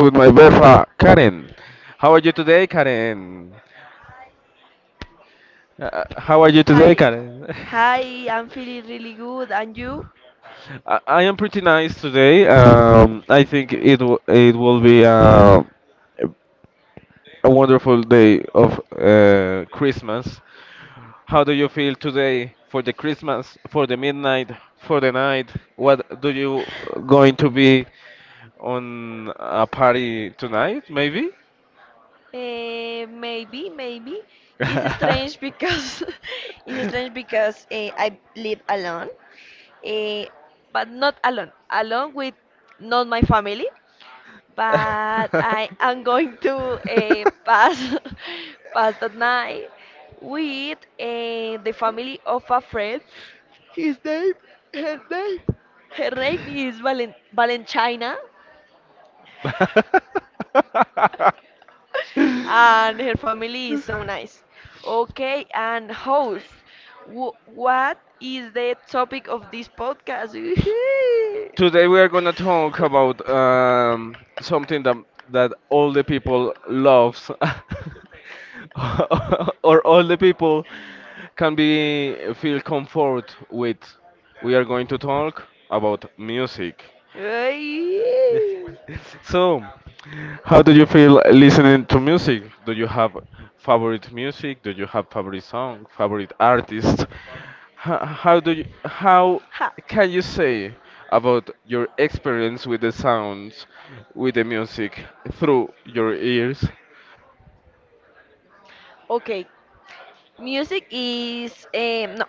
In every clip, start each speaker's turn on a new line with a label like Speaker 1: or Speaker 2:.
Speaker 1: With my befa Karen.
Speaker 2: Hi, hi, I'm feeling really good. And you?
Speaker 1: uh, a wonderful day of
Speaker 2: Eh, maybe, maybe. It's strange because It's strange because I live alone, uh, but not alone, alone with not my family. But I am going to pass pass the night with the family of a friend. His name, her name, her name is Valentina. And her family is so nice. Okay, and host, what is the topic of this podcast? Woohoo! Ay. Ha. Okay, music is no,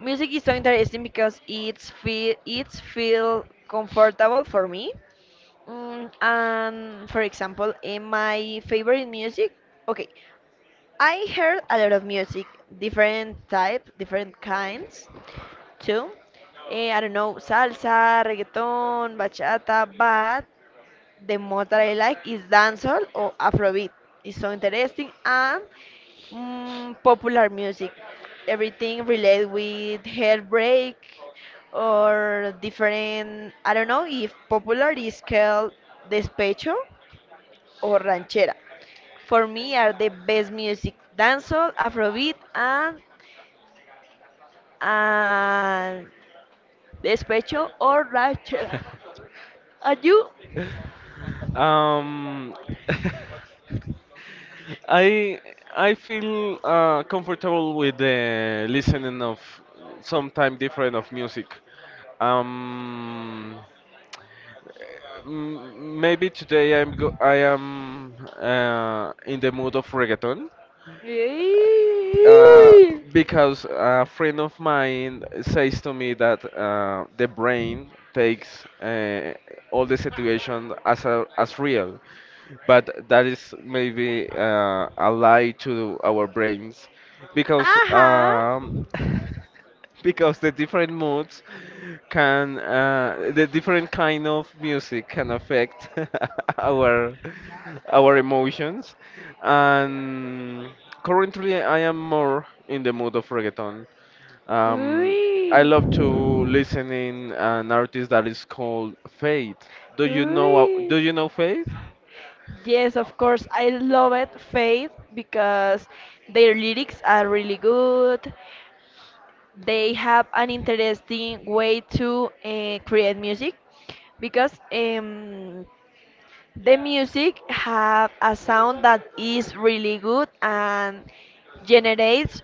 Speaker 2: music is so interesting because it's feel comfortable for me. Mm, and for example, in my favorite music, okay, I heard a lot of music, different type, different kinds too. Eh, I don't know, salsa, reggaeton, bachata, but the most that I like is dancehall or Afrobeat. It's so interesting and popular music. Everything related with heartbreak or different, I don't know if popular is called despecho or ranchera for me are the best music dancehall afrobeat and despecho or rachel are you. Yeah. uh Uy. Uy. Yes, of course. I love it, Faith, because their lyrics are really good. They have an interesting way to create music because the music have a sound that is really good and generates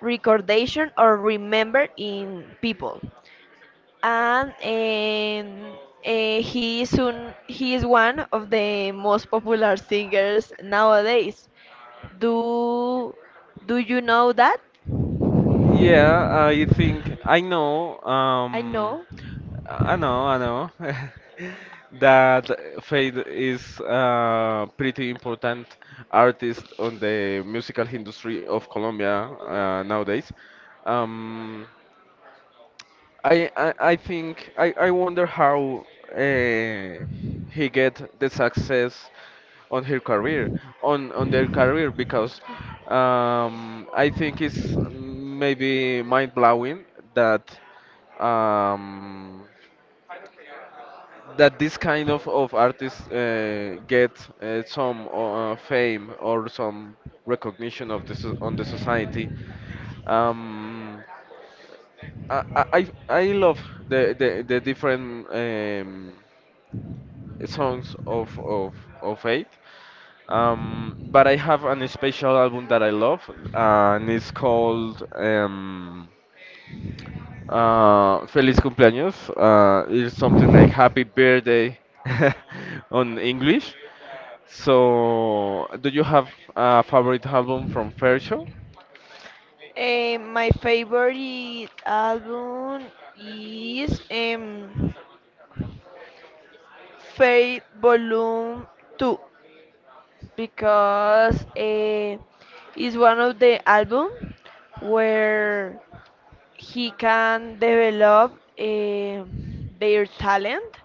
Speaker 2: recordation or remember in people. And he is one of the most popular singers nowadays. Do do you know that? I know. Eh, my favorite album is Faith Volume 2 because it's one of the album where he can develop their talent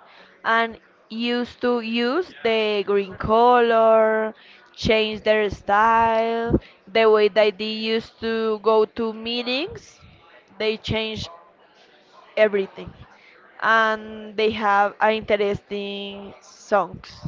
Speaker 2: and used to use the green color, change their style, the way that they used to go to meetings, they change everything. And they have interesting songs.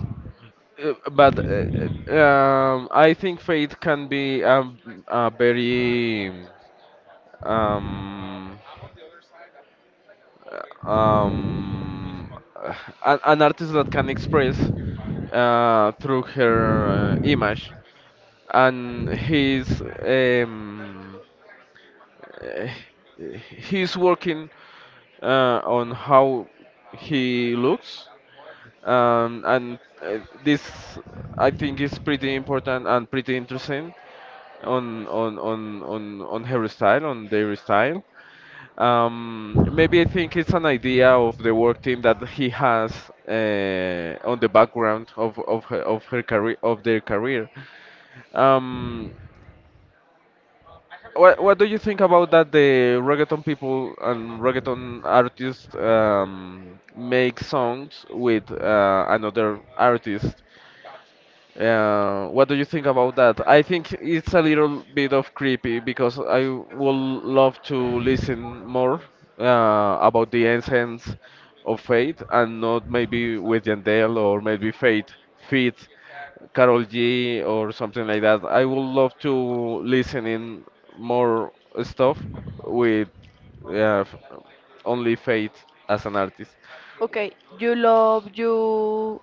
Speaker 2: Okay, you love you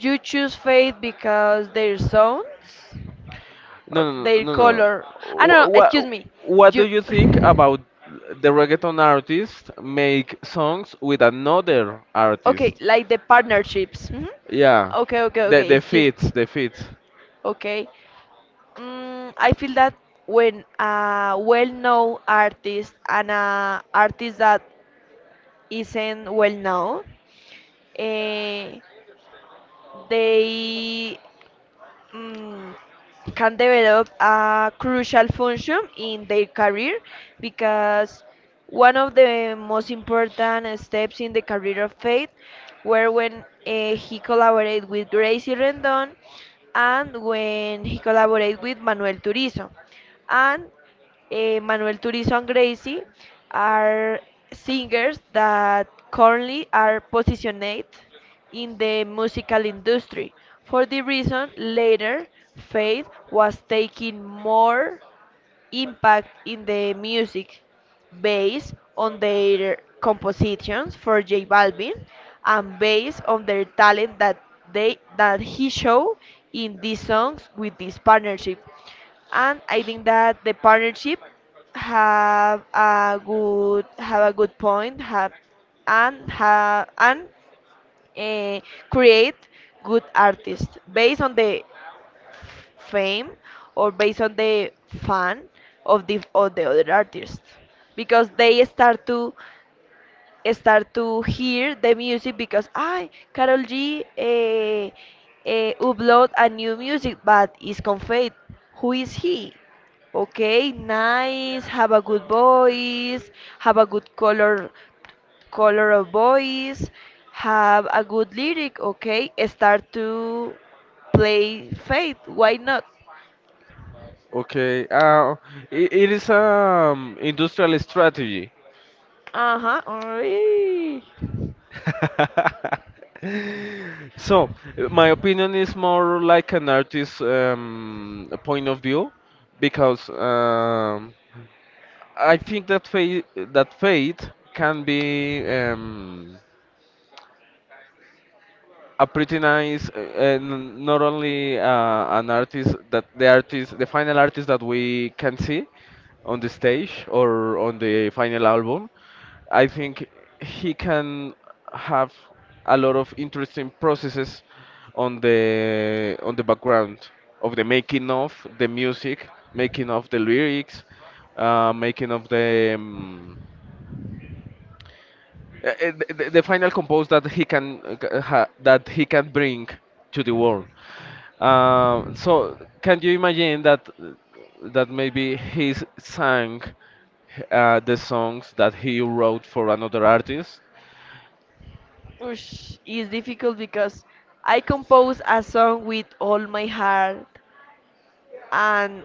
Speaker 2: you choose Faith because their songs or their color. I don't know. Excuse me. You. Okay, like the partnerships. Mhm. Okay, okay, okay. Excuse me. Okay. Mm, I feel that when a well-known artist and a artist that isn't well-known, eh, they mm, can develop a crucial function in their career because one of the most important steps in the career of Faith were when he collaborated with Gracie Rendon and when he collaborated with Manuel Turizo. And Manuel Turizo and Gracie are singers that currently are positioned in the musical industry. For the reason, later, Faith was taking more impact in the music based on their compositions for J Balvin and based on their talent that they that he showed in these songs with this partnership. And I think that the partnership have a good point have and eh, create good artists based on the fame or based on the fan of the other artist because they start to hear the music because I Carol G upload a new music but is conveyed who is he. Okay, nice, have a good voice, have a good color, color of voice, have a good lyric, okay? Start to play faith. Why not? Uh huh. Alright. Ush, it's difficult because I compose a song with all my heart, and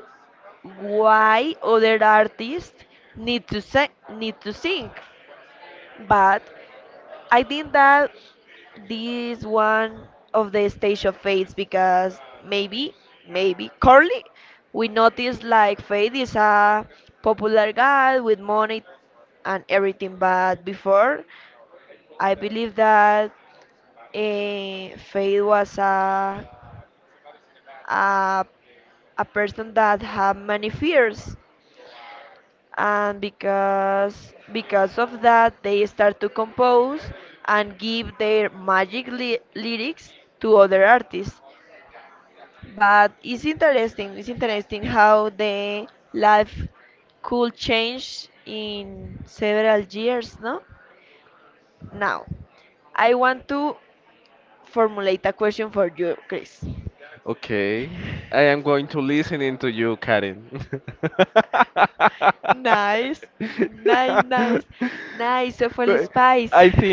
Speaker 2: why other artists need to sing, but I think that this one of the stage of fates because maybe, maybe currently we notice like Faith is a popular guy with money and everything, but before I believe that Faith was a a person that had many fears and because of that they start to compose and give their magic lyrics to other artists but it's interesting how the life could change in several years. No, now I want to formulate a question for you Chris. nice nice, nice awful spice.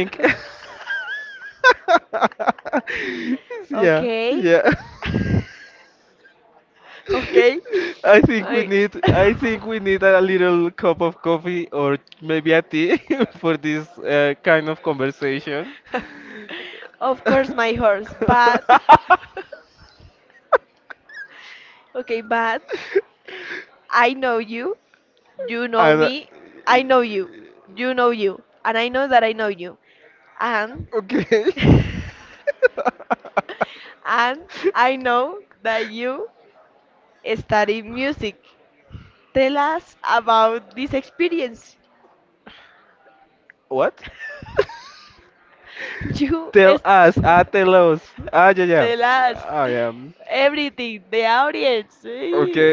Speaker 2: Okay. Okay. I of course my horse, but okay, but I know you, you know me, I know you, you know you, and I know that I know you, and and I know that you study music. Tell us about this experience. You tell us. The last, everything, the audience. Eh.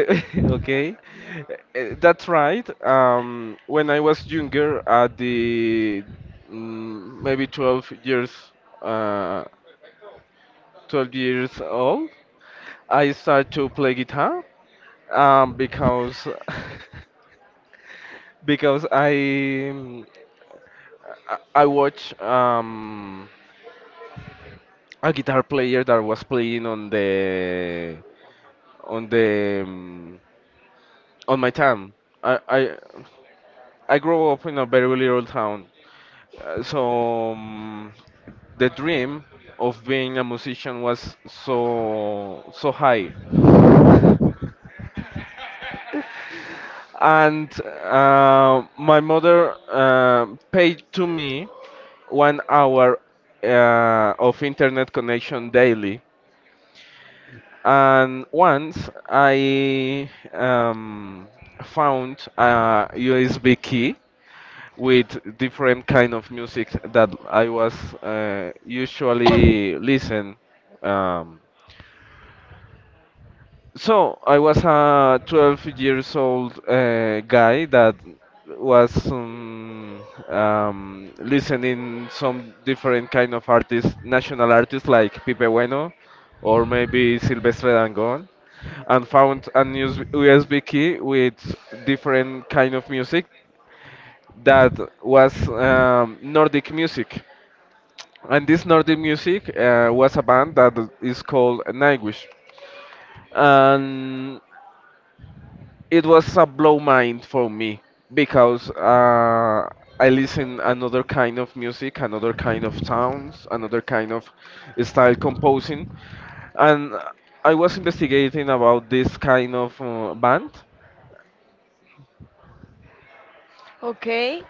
Speaker 2: Okay,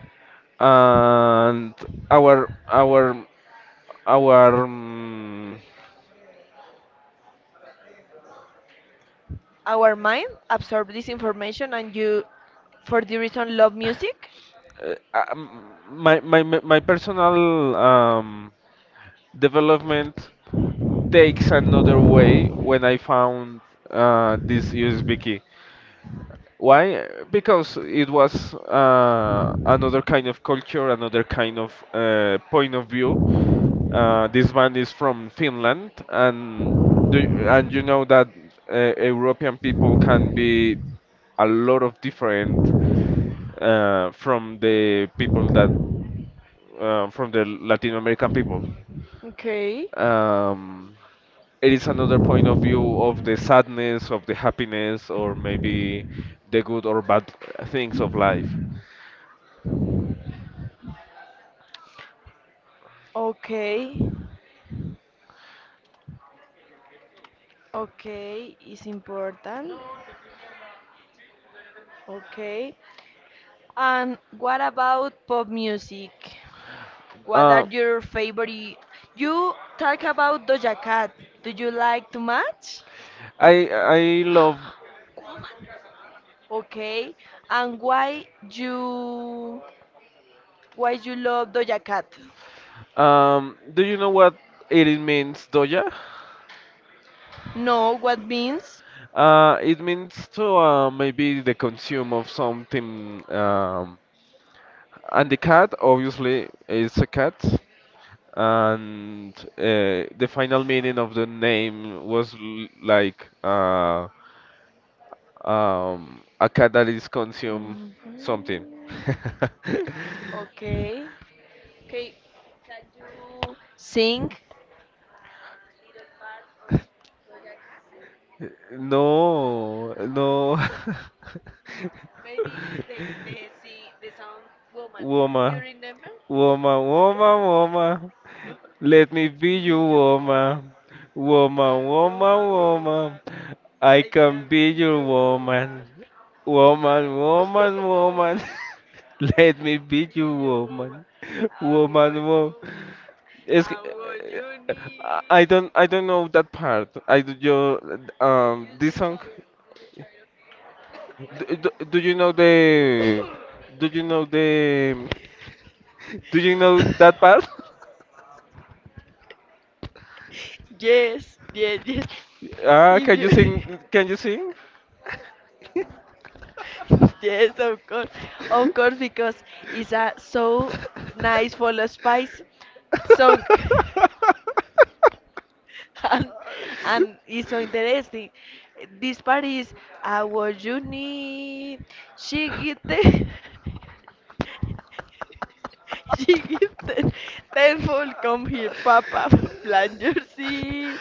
Speaker 2: our mind absorbs this information and you, for the reason, love music. Okay, okay, okay, is important. Okay, and what about pop music? What are your favorite? You talk about Doja Cat. Do you like too much? Okay. And why you love Doja Cat? No, what means? Mhm. Okay. Okay. Can you sing? Yes, yes, yes. If you yes, of course. Of course, because it's a so nice follow spice song. and and it's so interesting. This part is our Juni. She get the, she get the, thankful come here, Papa. Plant your seed.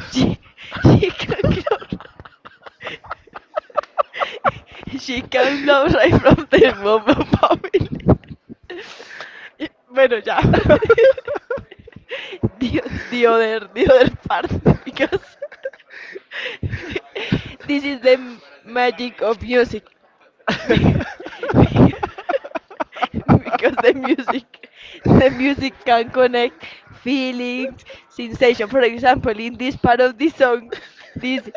Speaker 2: She she can grow. She can grow right from the moment, Papa. Y, bueno, ya. The, the other part, because this is the magic of music. Be- be- because the music can connect feelings, sensation. For example, in this part of the song, this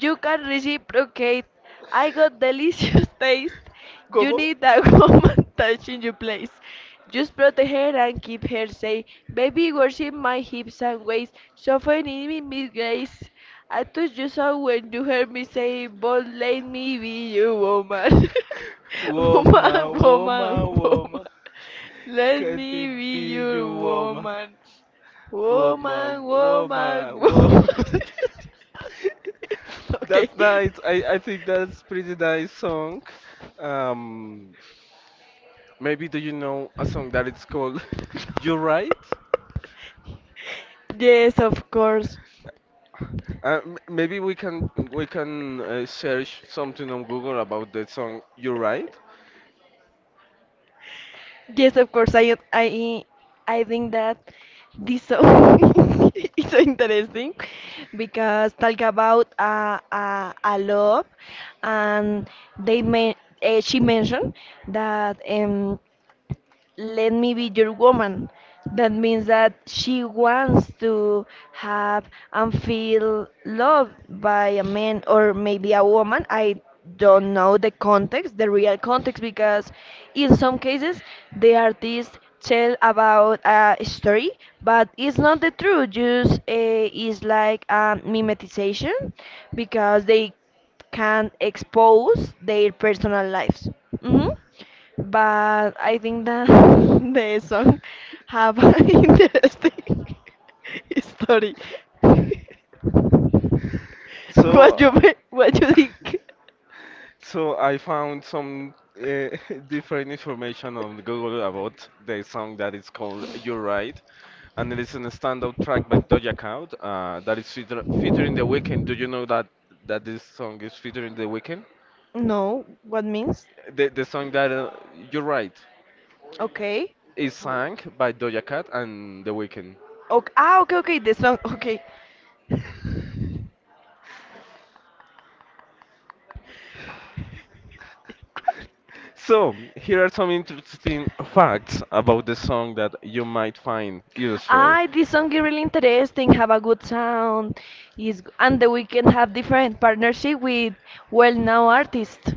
Speaker 2: you can reciprocate. I got delicious taste. You need a woman touching your place. Just protect her and keep her safe. Baby, worship my hips and waist. Soften in me, Miss Grace. I touched you so when you heard me say, but let me be your woman. Woman, woman, woman, let me be your woman, woman, woman, woman. Okay. Yes, of course. Yes, of course. I I think that this song is so interesting because talk about a love, and they men she mentioned that let me be your woman. That means that she wants to have and feel loved by a man or maybe a woman. I don't know the context, the real context, because in some cases the artist tell about a story, but it's not the truth. Just is like a mimetization because they can expose their personal lives. Mhm. But I think that the song have an interesting story. What you think? No, what means? Okay. Okay. Ah, okay, okay. The song. Okay. Ah, this song is really interesting. Have a good sound. Is and the weekend have different partnership with well-known artists.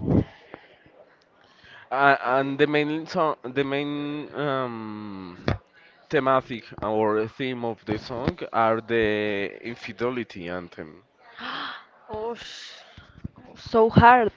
Speaker 2: Oh, sh- so hard.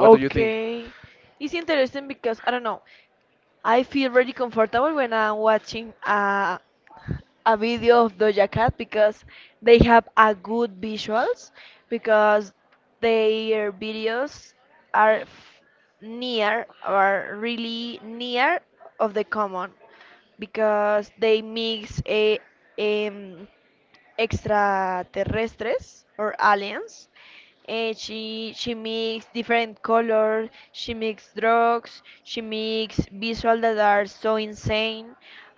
Speaker 2: Okay. It's interesting because I don't know. I feel really comfortable when I'm watching a video of Doja Cat because they have a good visuals because their videos are near or really near of the common because they mix a um, extraterrestres or aliens, she makes different colors. She makes drugs. She makes visuals that are so insane,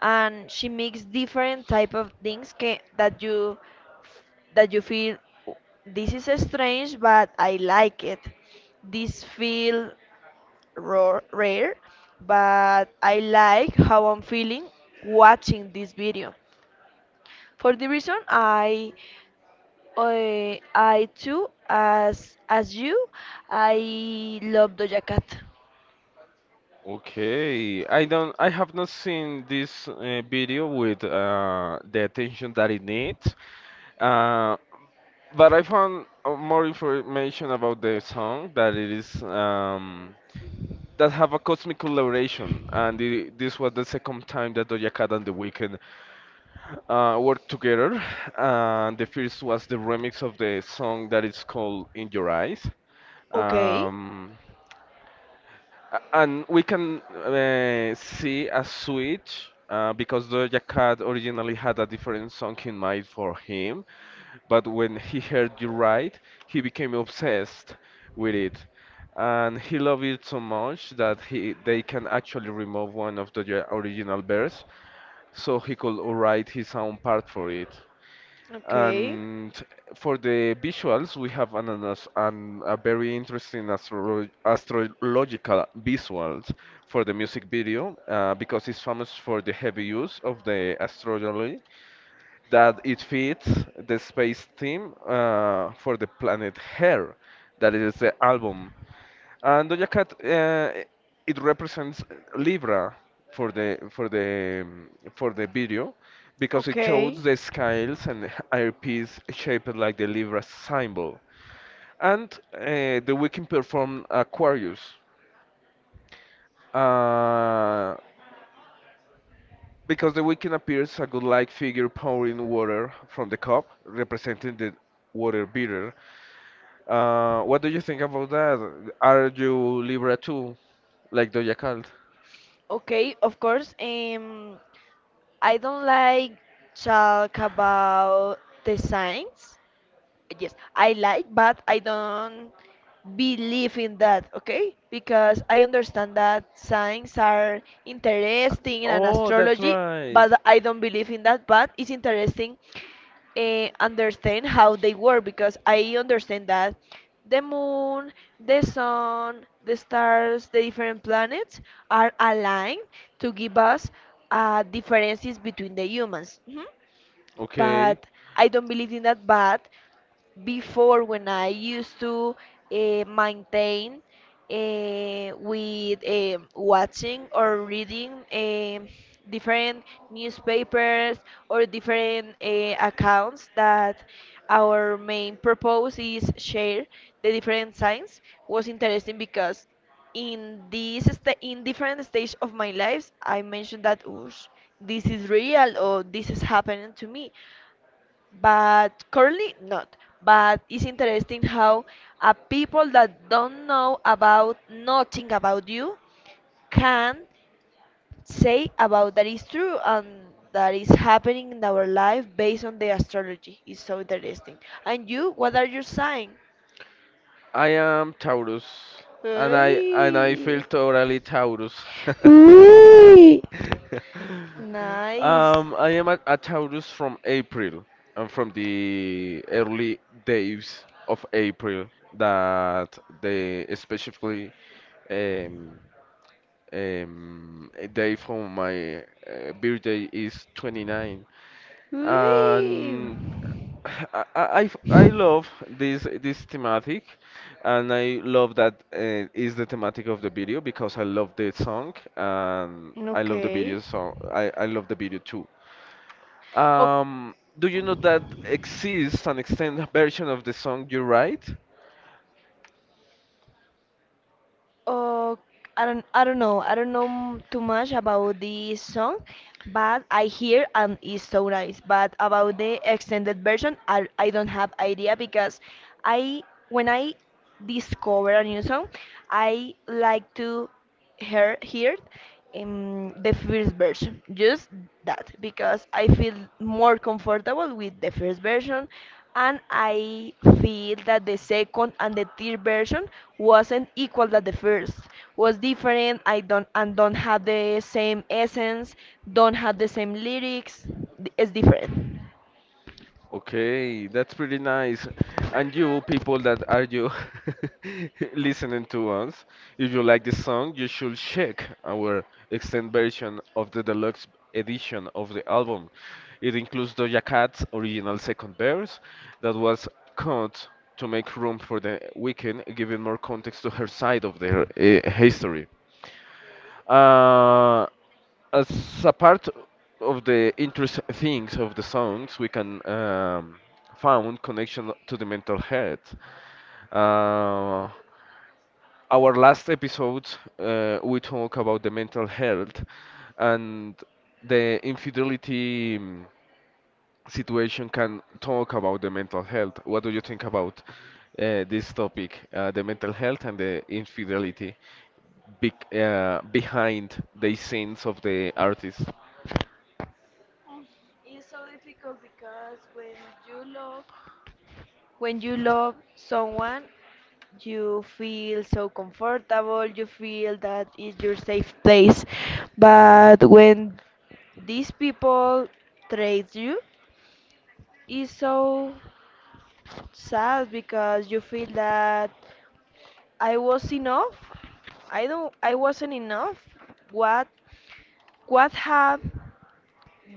Speaker 2: and she makes different type of things that you feel this is strange, but I like it. This feel raw, rare, but I like how I'm feeling watching this video. For the reason I too, as you, I love Doja Cat. Okay, okay, okay, okay, of course. I don't like talk about the signs. Yes, I like, but I don't believe in that, okay? Because I understand that signs are interesting and astrology, but I don't believe in that. But it's interesting understand how they work because I understand that the moon, the sun, the stars, the different planets are aligned to give us differences between the humans. Mhm. But I don't believe in that. But before when I used to maintain with watching or reading different newspapers or different accounts that our main purpose is share the different signs was interesting because in different stage of my life I mentioned that "Oosh, this is real or this is happening to me but currently not. But it's interesting how a people that don't know about nothing about you can say about that is true and that is happening in our life based on the astrology. It's so interesting. And you, what are your sign? Hey. Ooh. Nice. Whee! Okay. O- Oh, I don't know. Too much about the song, but I hear and it's so nice. But about the extended version, I don't have idea because I when I discover a new song, I like to hear the first version, just that, because I feel more comfortable with the first version, and I feel that the second and the third version wasn't equal that the first, was different. I don't and don't have the same essence, don't have the same lyrics. It's different. When you love someone, you feel so comfortable, you feel that is your safe place. But when these people trade you, it's so sad because you feel that I was enough. I wasn't enough. What what have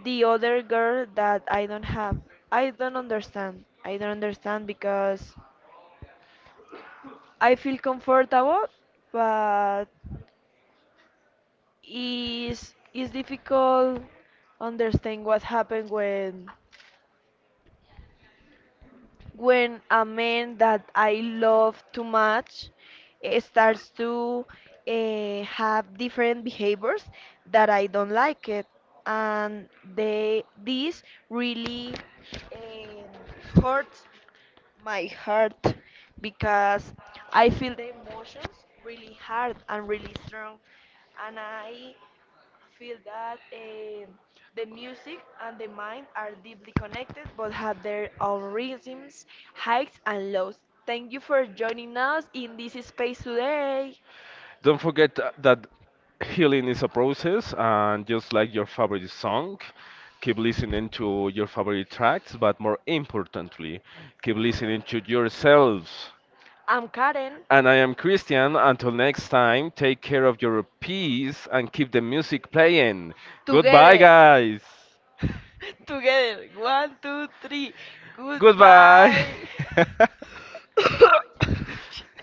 Speaker 2: the other girl that I don't have? I don't understand. I don't understand because I feel comfortable, but it's difficult understand what happened when a man that I love too much starts to have different behaviors that I don't like it, and they this really um, hurts my heart because I feel the emotions really hard and really strong, and I feel that the music and the mind are deeply connected but have their own rhythms, highs, and lows. Thank you for joining us in this space today. I'm Karen. Goodbye, together. Goodbye, guys. Together. One, two, three. Goodbye. Goodbye.